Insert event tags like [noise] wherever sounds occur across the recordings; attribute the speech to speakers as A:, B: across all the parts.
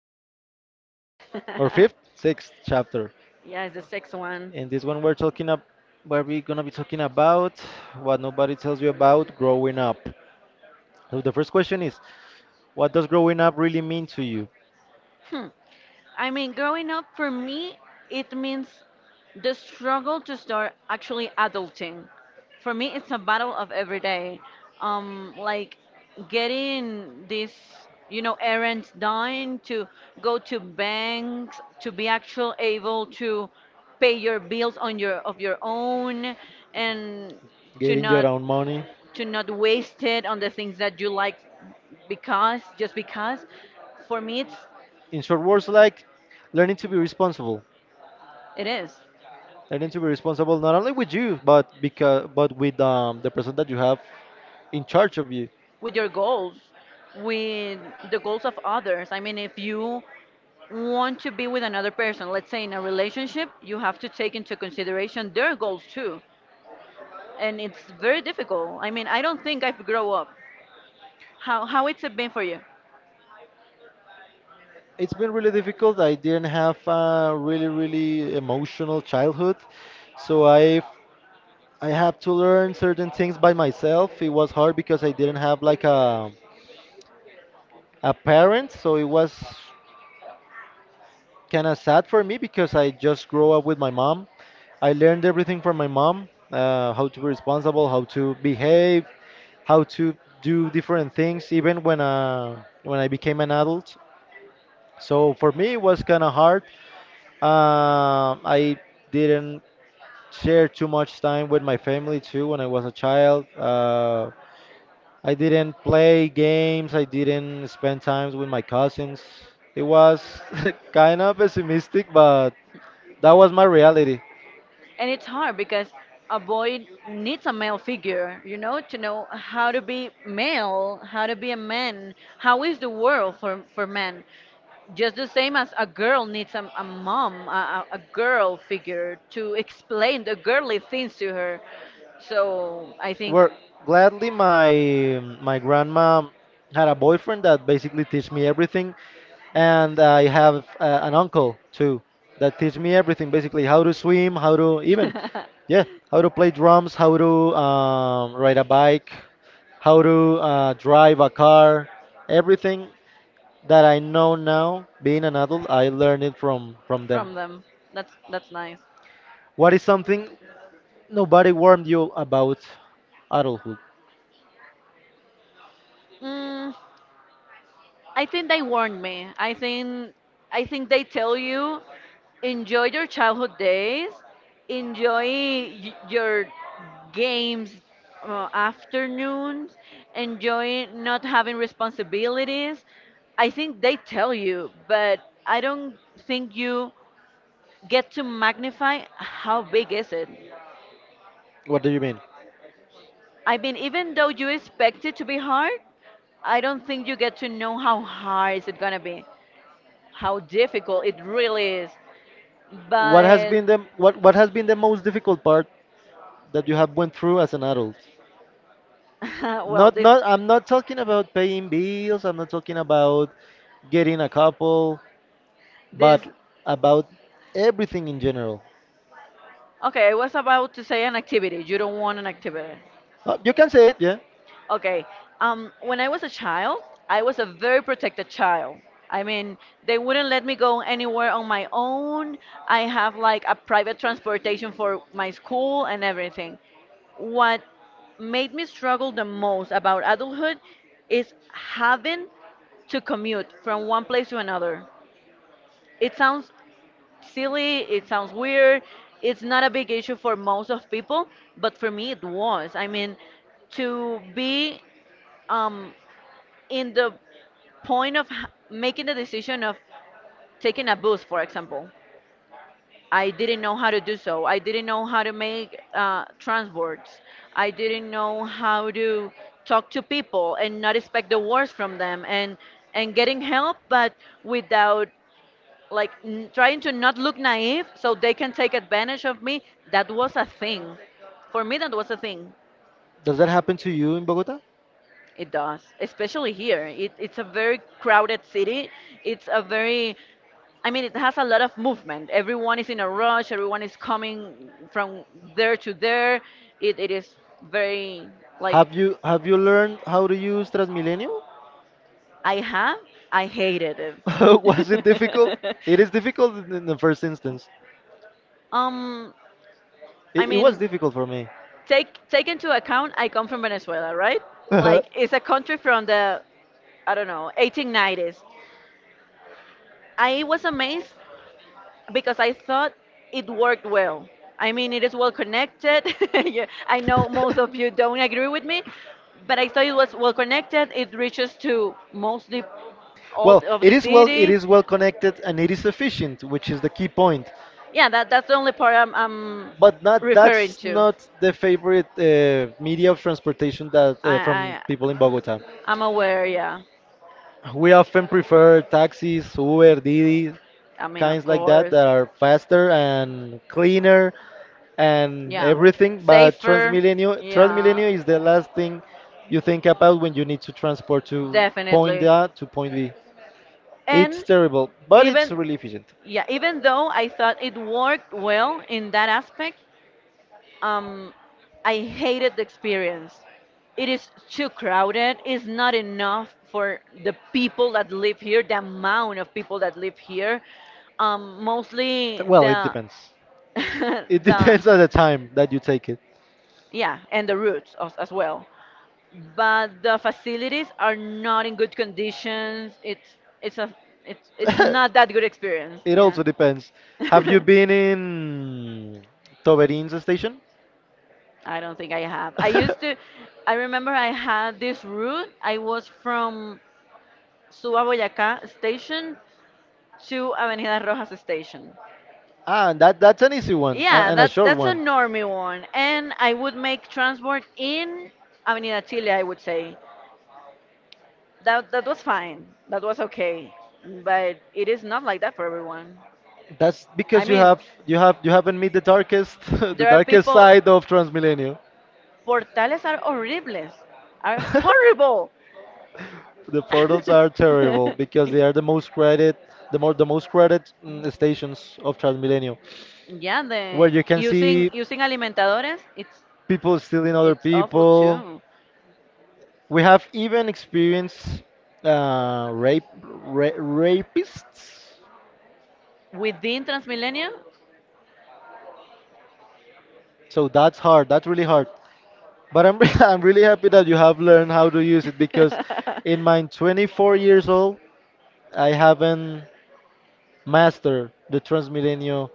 A: sixth chapter, or fifth,
B: [laughs]
A: sixth chapter,
B: Yeah, it's the sixth one.
A: in this one we're talking up, where we're gonna be talking about what nobody tells you about growing up. So the first question is, what does growing up really mean to you?
B: Hmm. I mean, growing up for me, it means the struggle to start actually adulting. For me, it's a battle of every day. Like getting this, you know, errands done to go to banks to be actual able to pay your bills on your of your own and to
A: Getting your
B: not
A: own money.
B: to not waste it on the things that you like because just because for me it's
A: In short words, like learning to be responsible.
B: it is
A: They need to be responsible not only with you, but because but with the person that you have in charge of you.
B: with your goals with the goals of others. I mean, if you want to be with another person, let's say in a relationship, you have to take into consideration their goals too. And it's very difficult. I mean, I don't think I've grown up. How it's been for you?
A: It's been really difficult. I didn't have a really emotional childhood, so I have to learn certain things by myself. It was hard because I didn't have like a parent, so it was kind of sad for me because I just grew up with my mom. I learned everything from my mom, how to be responsible, how to behave, how to do different things, even when I became an adult. So for me, it was kind of hard. I didn't share too much time with my family too when I was a child. I didn't play games. I didn't spend times with my cousins. It was [laughs] kind of pessimistic, but that was my reality.
B: And it's hard because a boy needs a male figure, you know, to know how to be male, how to be a man, how is the world for men. Just the same as a girl needs a mom, a girl figure to explain the girly things to her. So I think,
A: Where gladly my grandma had a boyfriend that basically teach me everything, and I have an uncle too that teach me everything basically how to swim, how to even yeah
B: [laughs]
A: how to play drums, how to ride a bike, how to drive a car, everything that I know now, being an adult, I learned it from them.
B: from them. That's nice.
A: What is something nobody warned you about adulthood?
B: Mm, I think they warned me. I think they tell you enjoy your childhood days, enjoy your games, afternoons, enjoy not having responsibilities. I think they tell you, but I don't think you get to magnify how big is it.
A: What do you mean?
B: I mean, even though you expect it to be hard, I don't think you get to know how hard is it gonna be, how difficult it really is.
A: What has
B: But
A: been the what has been the most difficult part that you have went through as an adult?
B: [laughs] well,
A: Not
B: this
A: not I'm not talking about paying bills, I'm not talking about getting a couple,
B: this
A: but about everything in general.
B: okay. I was about to say an activity. You don't want an activity.
A: You can say it, yeah.
B: Okay. When I was a child, I was a very protected child. I mean, they wouldn't let me go anywhere on my own. I have like a private transportation for my school and everything. What made me struggle the most about adulthood is having to commute from one place to another. It sounds silly, it sounds weird, it's not a big issue for most of people, but for me it was. I mean, to be um, in the point of making the decision of taking a bus, for example. I didn't know how to do so. I didn't know how to make transports. I didn't know how to talk to people and not expect the worst from them and getting help, but without like trying to not look naive so they can take advantage of me. That was a thing. For me, that was a thing.
A: Does that happen to you in Bogota?
B: It does, especially here. It's a very crowded city. It's a very, I mean, it has a lot of movement. Everyone is in a rush. Everyone is coming from there to there. It is very, like,
A: Have you learned how to use Transmilenio?
B: I
A: [laughs]
B: have, I hated
A: I was it difficult?
B: it.
A: It is [laughs] difficult in the first instance.
B: [laughs] um, I
A: It was
B: mean,
A: difficult for me.
B: take into account I come from Venezuela, right?
A: [laughs] Uh-huh.
B: Like, it's a country from the, I don't know, 1890s. I was amazed because I thought it worked well. I mean, it is well connected. [laughs] Yeah, I know most of you don't agree with me, but I thought it was well connected. It reaches to mostly all
A: Well,
B: of the
A: it
B: city.
A: is well connected and it is efficient, which is the key point.
B: Yeah, that's the only part I'm
A: But not
B: referring
A: that's
B: to.
A: not the favorite media of transportation that from
B: I,
A: people
B: I
A: in Bogota. I'm
B: I'm aware. Yeah,
A: we often prefer taxis, Uber, Didi,
B: I mean, of
A: kinds like that
B: course.
A: that are faster and cleaner and
B: Yeah,
A: everything. But
B: safer. Yeah,
A: Transmilenio is the last thing you think about when you need to transport to point
B: definitely.
A: A to point B. It's
B: And
A: terrible, but it's
B: even
A: really efficient.
B: yeah, even though I thought it worked well in that aspect, Um, I hated the experience. It is too crowded. It's not enough for the people that live here, the amount of people that live here. Mostly
A: Well, it
B: the
A: depends.
B: [laughs]
A: It
B: the
A: depends on the time that you take it.
B: yeah, and the routes as well. But the facilities are not in good conditions. It's not
A: [laughs]
B: that good experience.
A: it
B: Yeah.
A: also depends. Have you
B: [laughs]
A: been in Toberins station?
B: I don't think I have. I used
A: [laughs]
B: to, I remember I had this route. I was from Suba Boyacá station to Avenida Rojas station.
A: Ah, and that that's an easy one
B: Yeah,
A: and a short
B: that's a
A: one.
B: normie one. And I would make transport in Avenida Chile, I would say. That was fine. That was okay. But it is not like that for everyone.
A: That's
B: I
A: because you
B: mean,
A: have you have you haven't met the darkest [laughs] the
B: there are
A: darkest
B: people
A: side of Transmilenio.
B: portales are horribles. Are
A: [laughs]
B: horrible.
A: The portals are terrible because they are the
B: [laughs]
A: most crowded, the more the most crowded stations of Transmilenio,
B: Yeah,
A: where
B: the
A: you can see
B: using alimentadores,
A: people stealing other
B: it's awful
A: people.
B: too.
A: We have even experienced rape rapists.
B: Within Transmilenio,
A: So that's hard. That's really hard. But I'm [laughs] I'm really happy that you have learned how to use it because in my 24 years
B: [laughs]
A: old, I haven't mastered the Transmilenio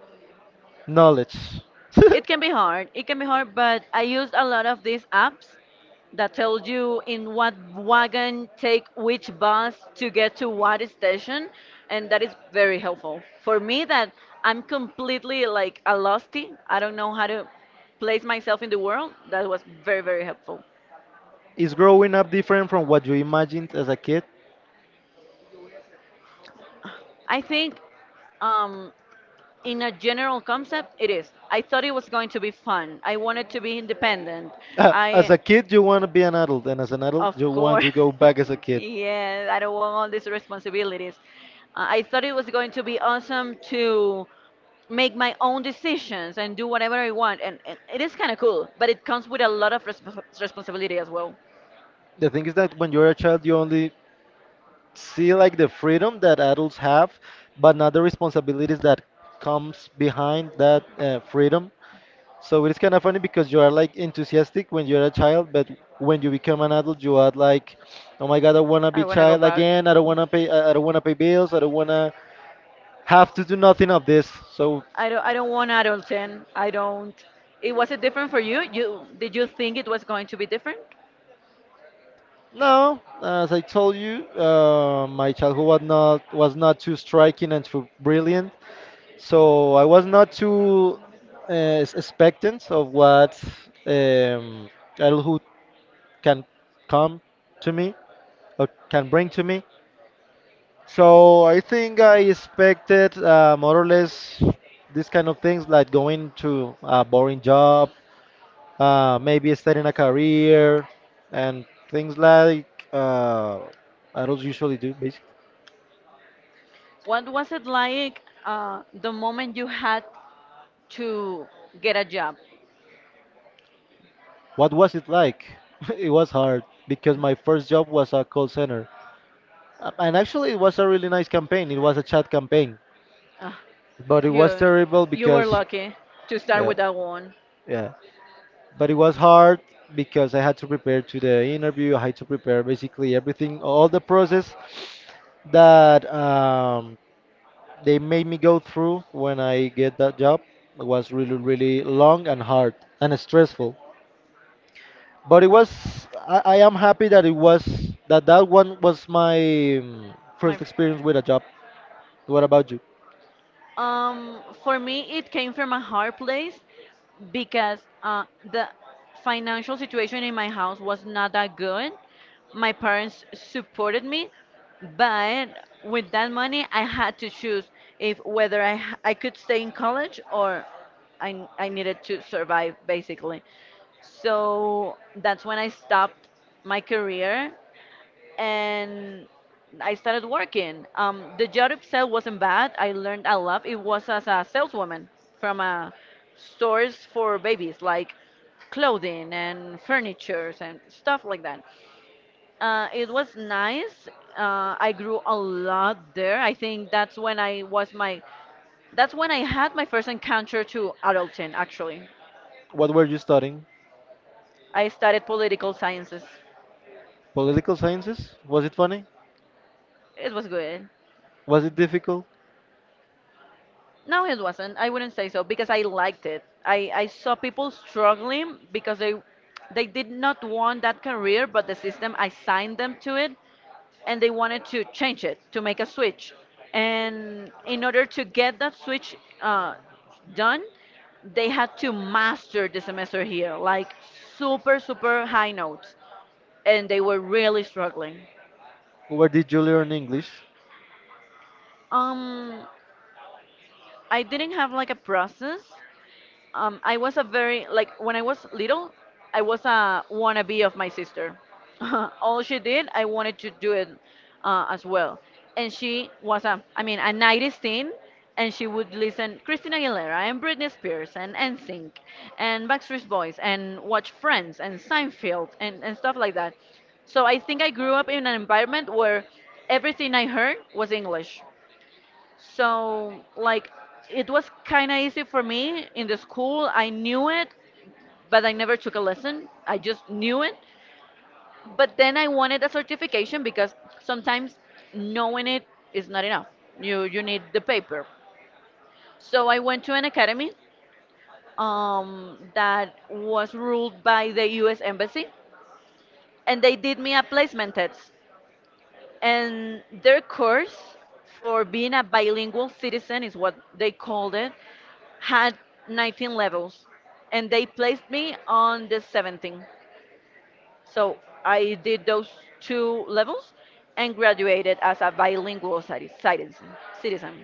A: Knowledge. [laughs]
B: It
A: It
B: can
A: can be
B: be hard. It can be hard, but I use a lot of
A: I'm.
B: these apps that
A: That
B: tell you in what
A: what
B: wagon take which bus to
A: get
B: get to what station, and that is very
A: very
B: helpful. For me, that I'm completely like a losty. I don't know how to place myself in the world. That was very very helpful.
A: Is growing up different from what you imagined as a kid?
B: I think um, in a general concept, it is. I thought it was going to be fun. I wanted to be independent.
A: A
B: I.
A: kid, you want to be an adult, and as an adult,
B: Of
A: of you want
B: course.
A: to course go
B: [laughs]
A: back as a.
B: Yeah, I don't want all these responsibilities. I thought it was going to be awesome to make my own decisions and do whatever I want, and it is kind of cool, but it comes with a lot of respons responsibility as well.
A: The thing is that when you're a child, you only see like the freedom that adults have, but not the responsibilities that comes behind that freedom. So it is kind of funny because you are like enthusiastic when you're a child, but when you become an adult, you are like, oh my god, I wanna be child again. I don't wanna pay. I don't wanna pay bills. I don't wanna have to do nothing of this. So
B: I wanna. I don't want adulting. I don't it was it different for you? You did you think it was going to be different?
A: no, as I told you, my childhood was not too striking and too brilliant. So I was not too uh, expectant of what um, adulthood can come to me or can bring to me. So I think I expected more or less these kind of things like going to a boring job, maybe starting a career, and things like adults usually do. Basically,
B: What was it like the moment you had to get a job?
A: what was it like? [laughs] it was hard because my first job was a call center. And actually, it was a really nice campaign. It was a chat campaign,
B: Ah,
A: but it was
B: you
A: terrible
B: you were
A: because,
B: lucky to start
A: yeah,
B: with that one.
A: yeah. But it was hard because I had to prepare to the interview. I had to prepare basically everything, all the process that they made me go through when I get that job. It was really, really long and hard and stressful. But it was, I am happy that it was that one was my
B: My
A: first experience with a job. What about you?
B: For me, it came from a hard place because the financial situation in my house was not that good. My parents supported me, but with that money, I had to choose if whether I could stay in college or I needed to survive basically. So that's when I stopped my career and I started working. The job itself wasn't bad. I learned a lot. It was as a saleswoman from a stores for babies, like clothing and furnitures and stuff like that. It was nice. I grew a lot there. I think that's when I was my, that's when I had my first encounter to adulting. Actually,
A: What were you studying?
B: I studied political sciences.
A: Political sciences? Was it funny?
B: It was good.
A: Was it difficult?
B: No, it wasn't. I wouldn't say so because I liked it. I saw people struggling because they did not want that career, but the system assigned them to it, and they wanted to change it to make a switch. And in order to get that switch done, they had to master the semester here, like super super high notes, and they were really struggling.
A: Where did you learn English?
B: Um, I didn't have like a process. I was a very like when I was little, I was a wannabe of my sister. [laughs] All she did, I wanted to do it as well. And she was a, I mean, a 90s teen, and she would listen Christina Aguilera and Britney Spears and NSYNC and Backstreet Boys and watch Friends and Seinfeld and stuff like that. So I think I grew up in an environment where everything I heard was English. So, like, it was kind of easy for me in the school. I knew it, but I never took a lesson. I just knew it. But then I wanted a certification because sometimes knowing it is not enough. You need the paper. So I went to an academy that was ruled by the U.S. Embassy, and they did me a placement test. And their course for being a bilingual citizen is what they called it had 19 levels and they placed me on the 17th. So I did those two levels and graduated as a bilingual citizen.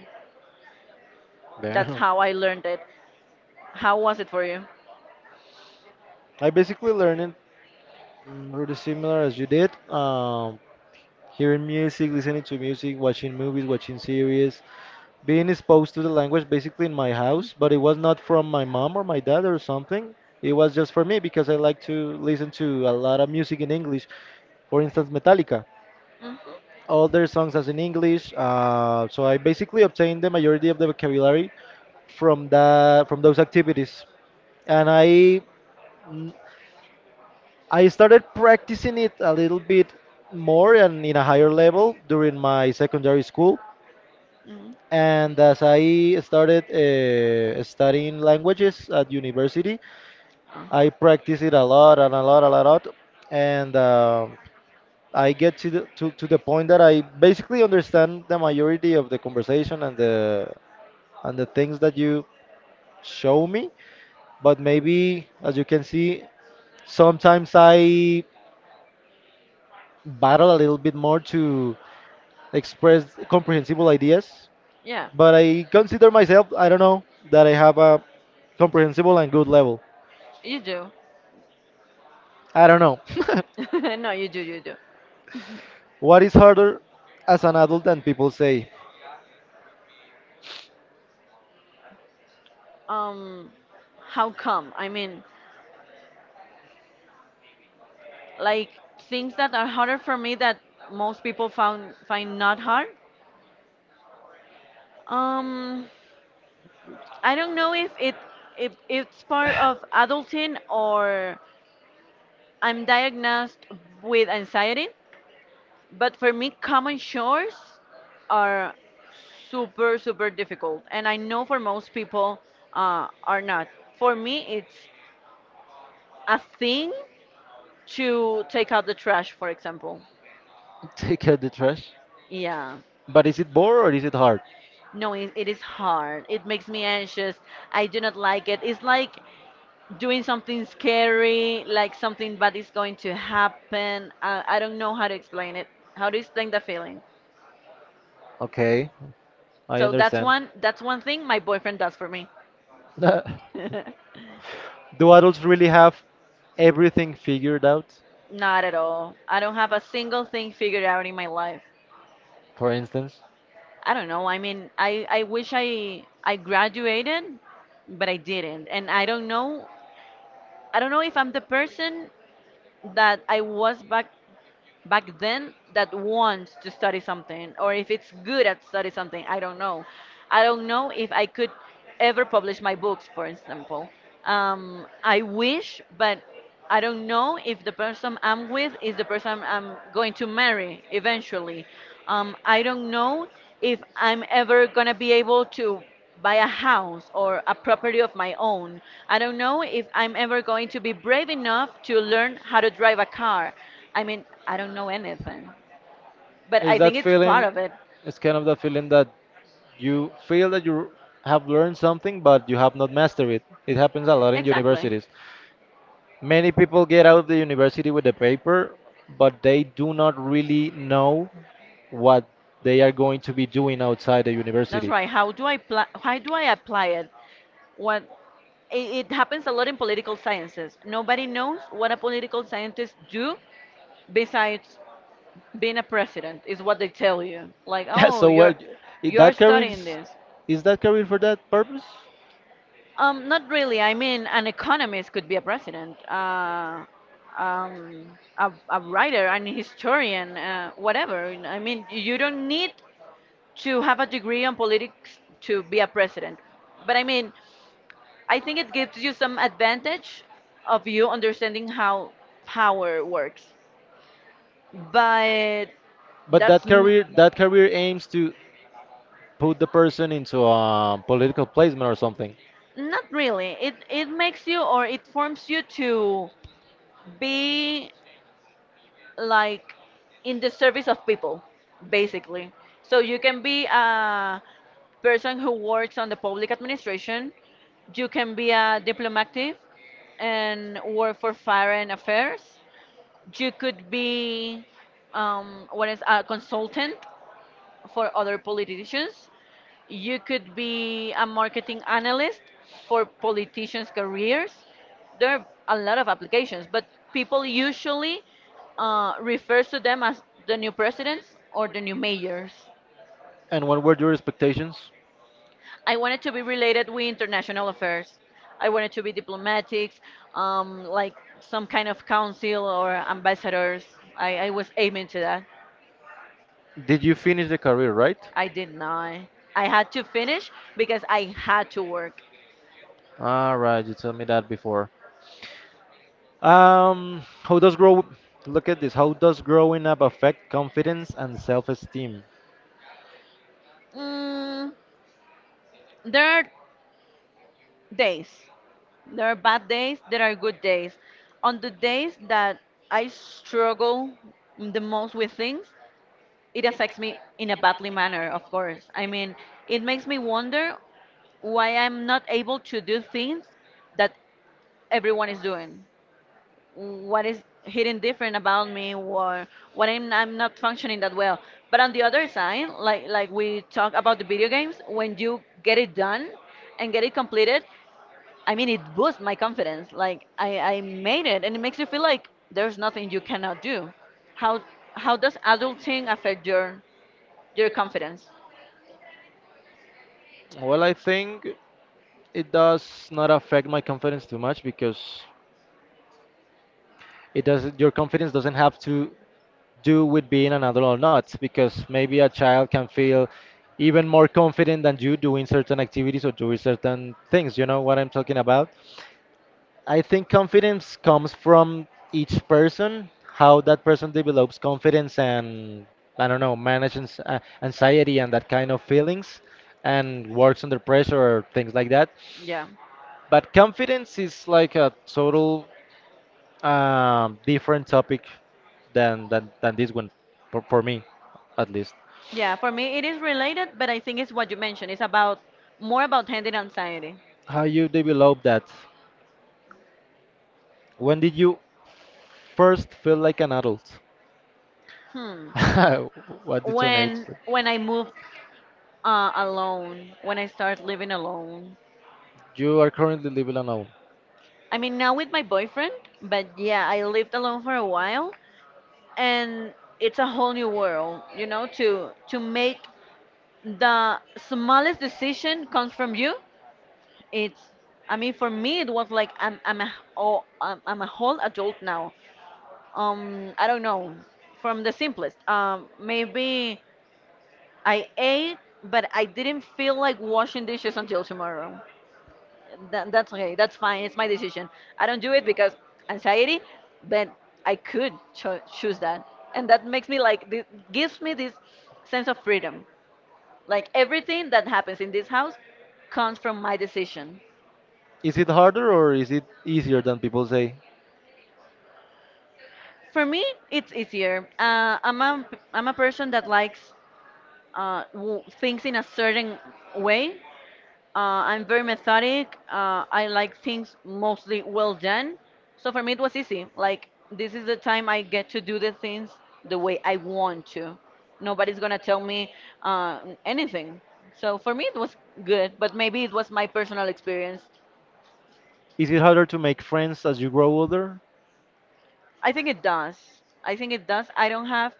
B: That's
A: Damn.
B: how I learned it. How was it for you?
A: I basically learned it pretty similar as you did. Hearing music, listening to music, watching movies, watching series, being exposed to the language basically in my house, but it was not from my mom or my dad or something. It was just for me because I like to listen to a lot of music in English. For instance, Metallica.
B: Hmm.
A: All their songs as in English. So I basically obtained the majority of the vocabulary from those activities, and mm, I started practicing it a little bit more and in a higher level during my secondary school.
B: Hmm.
A: And as I started studying languages at university,
B: Oh.
A: I practiced it a lot and a lot, a lot, a lot. And I get to the point that I basically understand the majority of the conversation and the things that you show me, but maybe as you can see, sometimes I battle a little bit more to express comprehensible ideas,
B: Yeah.
A: but I consider myself, I don't know, that I have a comprehensible and good level.
B: You do.
A: I don't know. [laughs]
B: [laughs] No, you do, you do.
A: what is harder as an adult than people say?
B: Um, how come? I mean, like things that are harder for me that most people found find not hard. Um, I don't know if it if it's part of adulting or I'm diagnosed with anxiety, but for me, common chores are super super difficult, and I know for most people are not. For me, it's a thing to take out the trash, for example.
A: [laughs] Take out the trash.
B: Yeah.
A: But is it bored or is it hard?
B: No, it is hard. It makes me anxious. I do not like it. It's like doing something scary, like something bad is going to happen. I don't know how to explain it. How to explain the feeling.
A: Okay. I
B: So
A: understand.
B: that's one thing my boyfriend does for me.
A: [laughs] Do
B: [laughs]
A: adults really have everything figured out?
B: Not at all. I don't have a single thing figured out in my life.
A: For instance,
B: I don't know. I mean, I wish I graduated, but I didn't. And I don't know if I'm the person that I was back then that wants to study something or if it's good at study something. I don't know, I don't know if I could ever publish my books, for example. I wish, but I don't know if the person I'm with is the person I'm going to marry eventually. I don't know if I'm ever going to be able to buy a house or a property of my own. I don't know if I'm ever going to be brave enough to learn how to drive a car. I mean, I don't know anything, but I
A: is
B: think
A: that
B: it's part
A: feeling?
B: of it.
A: It's kind of that feeling that you feel that you have learned something, but you have not mastered it. It happens a lot in
B: Exactly.
A: universities. Many people get out of the university with a paper, but they do not really know what they are going to be doing outside the
B: That's
A: university.
B: right. How do I apply it? What it happens a lot in political sciences. Nobody knows what a political scientist do besides being a president, is what they tell you. Like,
A: [laughs]
B: oh,
A: so what?
B: you're
A: That career
B: studying this.
A: is that career for that purpose?
B: Not really. I mean, an economist could be a president, um, a writer, an historian, whatever. I mean, you don't need to have a degree on politics to be a president. But I mean, I think it gives you some advantage of you understanding how power works. But
A: But
B: that's n-
A: that career aims to put the person into a political placement or something.
B: Not really. It makes you, or it forms you to be like in the service of people, basically. So you can be a person who works on the public administration. You can be a diplomatic and work for foreign affairs. You could be what is a consultant for other politicians. You could be a marketing analyst for politicians' careers. There are a lot of applications, but people usually refers to them as the new presidents or the new mayors.
A: And what were your expectations?
B: I wanted to be related with international affairs. I wanted to be diplomatics, like some kind of council or ambassadors. I was aiming to that.
A: Did you finish the career right?
B: I did not. I had to finish because I had to work.
A: All right, you told me that before. How does grow? Look at this. How does growing up affect confidence and self-esteem?
B: Mm, there are days. There are bad days, there are good days. On the days that I struggle the most with things, it affects me in a badly manner, of course. I mean, it makes me wonder why I'm not able to do things that everyone is doing. What is hidden different about me, or what I'm not functioning that well. But on the other side, like we talk about the video games, when you get it done and get it completed, I mean, it boosts my confidence. Like I made it, and it makes you feel like there's nothing you cannot do. How how does adulting affect your confidence?
A: Well, I think it does not affect my confidence too much because it doesn't. Your confidence doesn't have to do with being an adult or not, because maybe a child can feel even more confident than you doing certain activities or doing certain things. You know what I'm talking about? I think confidence comes from each person, how that person develops confidence and I don't know, manages anxiety and that kind of feelings and works under pressure or things like that.
B: Yeah,
A: But confidence is like a total different topic than this one for me at least.
B: yeah. For me, it is related, but I think it's what you mentioned. It's about more about handling anxiety.
A: How you develop that when did you first feel like an adult?
B: Hmm.
A: [laughs] what did you age
B: When I moved alone, when I started living alone.
A: you are currently living alone
B: I mean, now with my boyfriend, but yeah, I lived alone for a while, and it's a whole new world, you know, to make the smallest decision comes from you. It's, I mean, for me it was like I'm a whole adult now. I don't know, from the simplest, maybe I ate but I didn't feel like washing dishes until tomorrow. That's okay, that's fine, it's my decision. I don't do it because anxiety, but I could choose that, and that makes me like this gives me this sense of freedom. Like everything that happens in this house comes from my decision.
A: is it harder or is it easier than people say
B: For me, it's easier. I'm a person that likes things in a certain way. I'm very methodic. I like things mostly well done. So for me, it was easy. Like this is the time I get to do the things the way I want to. Nobody's gonna tell me uh, anything. So for me, it was good. But maybe it was my personal experience.
A: is it harder to make friends as you grow older?
B: I think it does. I think it does. I don't have,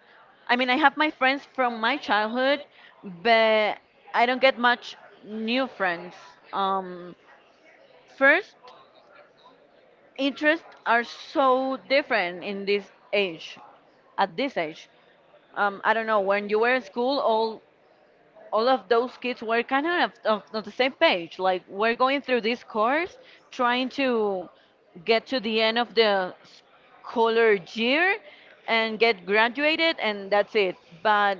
B: I mean, I have my friends from my childhood, but I don't get much new friends. Um, first, interests are so different in age, at this age. I don't know, when you were at school, all of those kids were kind of, on the same page. Like we're going through this course, trying to get to the end of the scholar year and get graduated, and that's it. But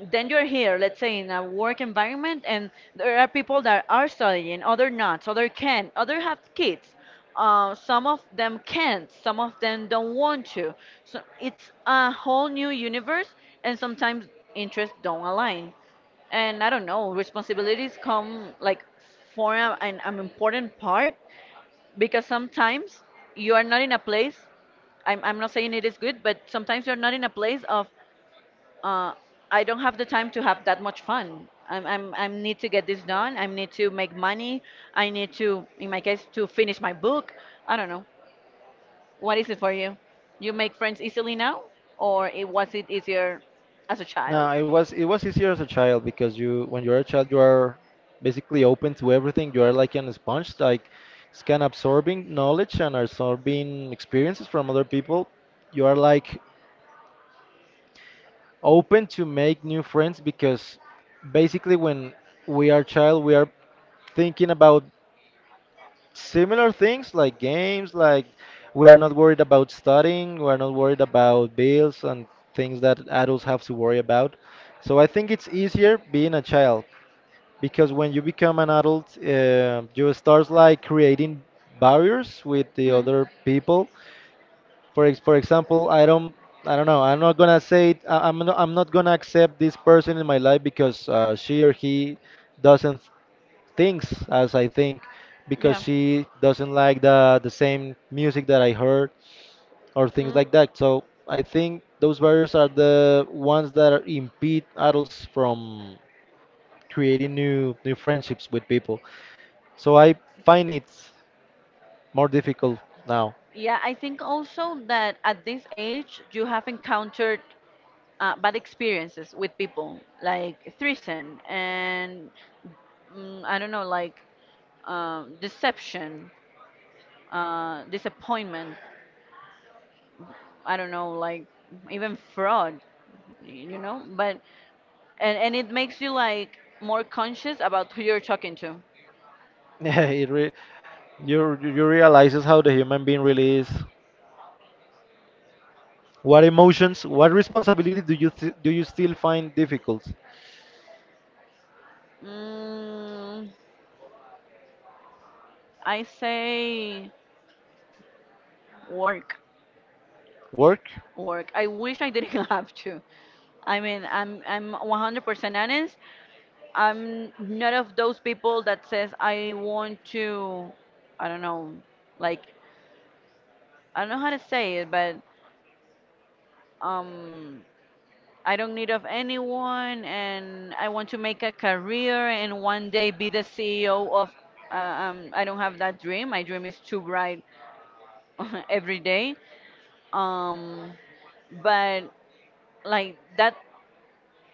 B: then you're here, let's say in a work environment, and there are people that are studying, other not, other can, other have kids. Some of them can't, some of them don't want to. So it's a whole new universe, and sometimes interests don't align, and I don't know, responsibilities come like for an important part, because sometimes you are not in a place. I'm not saying it is good, but sometimes you're not in a place of uh, I don't have the time to have that much fun. I need to get this done. I need to make money. I need to, in my case, to finish my book. I don't know. What is it for you? You make friends easily now, or was it easier as a child?
A: No, it was easier as a child because you when you're a child you are basically open to everything. You are like an sponge, like it's kind of absorbing knowledge and absorbing experiences from other people. You are like open to make new friends because basically when we are child we are thinking about similar things like games, like we are not worried about studying, we are not worried about bills and things that adults have to worry about, so I think it's easier being a child because when you become an adult you start like creating barriers with the
B: The. Mm.
A: other people for example I don't. I don't know. I'm not gonna say it. I'm not gonna accept this person in my life because she or he doesn't things as I think
B: Your. Yeah.
A: because
B: Imagination.
A: she doesn't like the same music that I heard or things
B: Mm.
A: like
B: That.
A: that. So I think those barriers are the ones that are impede adults from creating new friendships with people. So I find it more difficult now.
B: Yeah, I think also that at this age you have encountered bad experiences with people, like threesome and mm, I don't know, like deception, disappointment. I don't know, like even fraud, you know. But and it makes you like more conscious about who you're talking to.
A: [laughs] Yeah, it re- you realizes how the human being really is. What emotions, what responsibility do you still find difficult?
B: Mm, I say work.
A: Work?
B: Work. I wish I didn't [laughs] have to. I mean, I'm 100% honest. I'm not of those people that says I want to, I don't know, like I don't know how to say it, but um I don't need of anyone, and I want to make a career and one day be the CEO of. I don't have that dream. My dream is too bright [laughs] every day. Um, but like that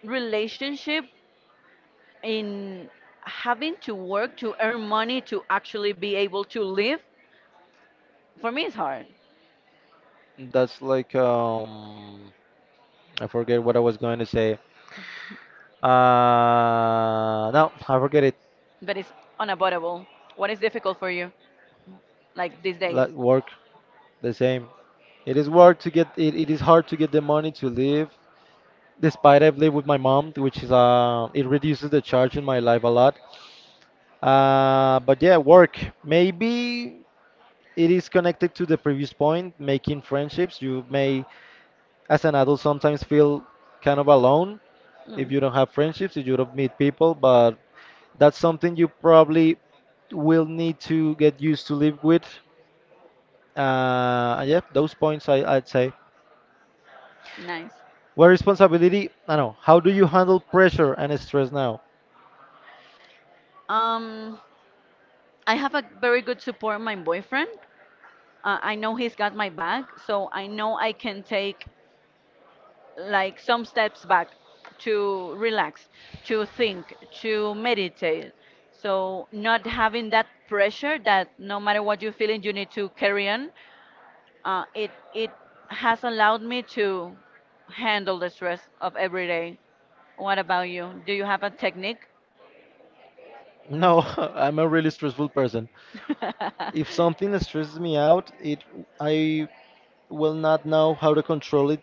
B: relationship in having to work to earn money to actually be able to live, for me is hard,
A: That's like I forget what I was going to say. No, I forget it.
B: but it's unavoidable. What is difficult for you, like these days?
A: Like work, the same. It is hard to get it, it is hard to get the money to live. Despite I've lived with my mom, which is it reduces the charge in my life a lot. But yeah, work. Maybe it is connected to the previous point, making friendships. You may, as an adult, sometimes feel kind of alone
B: Mm.
A: if you don't have friendships, if you don't meet people. But that's something you probably will need to get used to live with. Yeah, those points I'd say.
B: Nice.
A: Where responsibility, I don't know. How do you handle pressure and stress now?
B: Um, I have a very good support, my boyfriend. I know he's got my back, so I know I can take like some steps back to relax, to think, to meditate. So not having that pressure that no matter what you're feeling, you need to carry on. It has allowed me to handle the stress of every day. What about you? Do you have a technique?
A: No, [laughs] I'm a really stressful person.
B: [laughs]
A: If something stresses me out, it I will not know how to control it.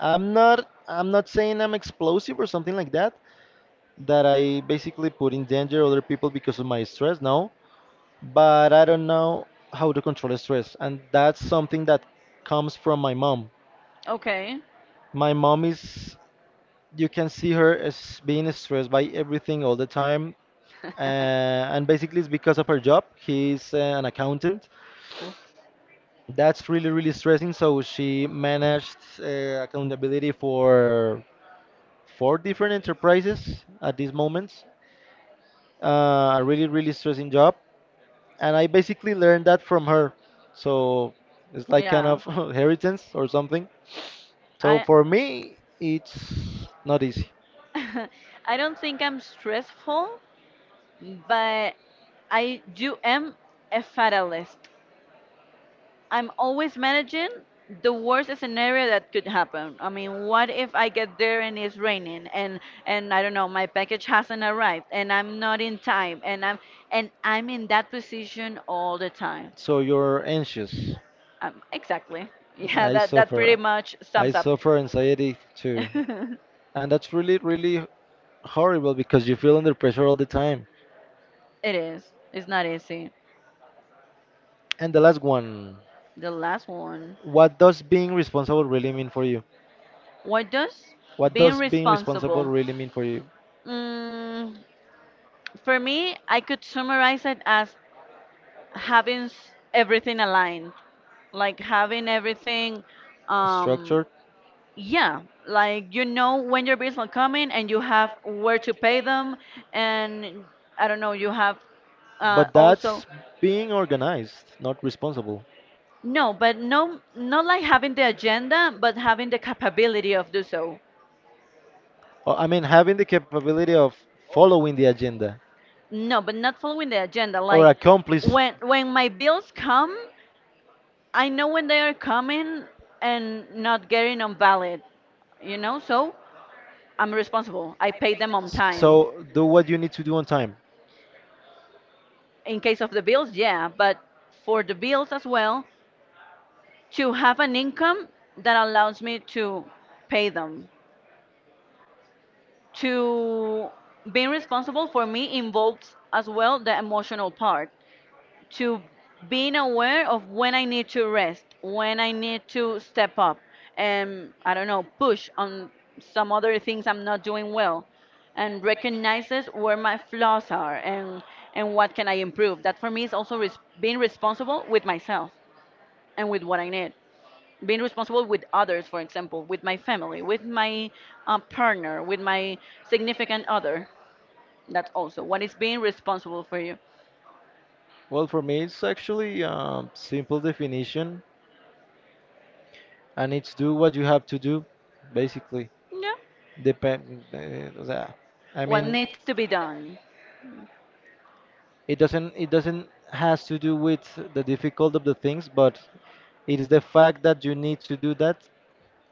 A: I'm not saying I'm explosive or something like that, that I basically put in danger other people because of my stress, no. But I don't know how to control stress, and that's something that comes from my mom.
B: Okay.
A: My mom is, you can see her as being stressed by everything all the time. And basically, it's because of her job.
B: [laughs]
A: He's an accountant.
B: Oof.
A: That's really, really stressing. So she managed accountability for 4 different enterprises at these moments. A really, really stressing job. And I basically learned that from her. So it's like kind
B: Yeah.
A: of [laughs] inheritance or something. So
B: I
A: for
B: [laughs]
A: me, it's not easy.
B: I don't think I'm stressful, but I do am a fatalist. I'm always managing the worst scenario that could happen. I mean, what if I get there and it's raining and I don't know, my package hasn't arrived and I'm not in time and I'm in that position all the time.
A: So you're anxious.
B: Exactly. [laughs] Yeah,
A: I
B: that that pretty
A: suffer.
B: much
A: I
B: sums up.
A: suffer anxiety too.
B: [laughs]
A: And that's really, really horrible because you feel under pressure all the time.
B: It is. It's not easy.
A: And the last one,
B: The last one.
A: what does being responsible really mean for you?
B: What does
A: What
B: being
A: does being responsible
B: responsible?
A: really mean for you?
B: Mm, for me, I could summarize it as everything aligned. Like having everything um
A: Structured?
B: yeah, like you know when your bills are coming and you have where to pay them, and I don't know, you have
A: But
B: also
A: that's being organized, not responsible.
B: no, but no, not like having the agenda, but having the capability of do so.
A: Or, I mean, having the capability of following the agenda
B: No, but not following the agenda,
A: or
B: like
A: accomplish.
B: when my bills come, I know when they are coming, and not getting on valid, you know. So I'm responsible, I pay them on time.
A: So do what you need to do on time.
B: In case of the bills, yeah, but for the bills as well, to have an income that allows me to pay them. To being responsible for me involves as well the emotional part. To being aware of when I need to rest, when I need to step up, and I don't know, push on some other things I'm not doing well and recognizes where my flaws are, and what can I improve. That for me is also being responsible with myself and with what I need. Being responsible with others, for example, with my family, with my partner, with my significant other. That's also what is being responsible for you.
A: Well, for me, it's actually simple definition, and it's do what you have to do, basically.
B: Yeah.
A: Depend. O sea, I
B: What
A: mean,
B: needs to be done.
A: it doesn't. It doesn't has to do with the difficult of the things, but it is the fact that you need to do that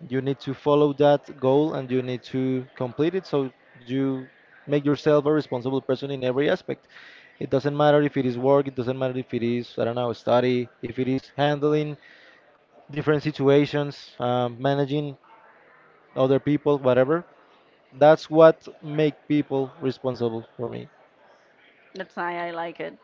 A: you need to follow that goal and you need to complete it so you make yourself a responsible person in every aspect. It doesn't matter if it is work, it doesn't matter if it is I don't know study, if it is handling different situations managing other people whatever, that's what make people responsible for me.
B: That's why I like it.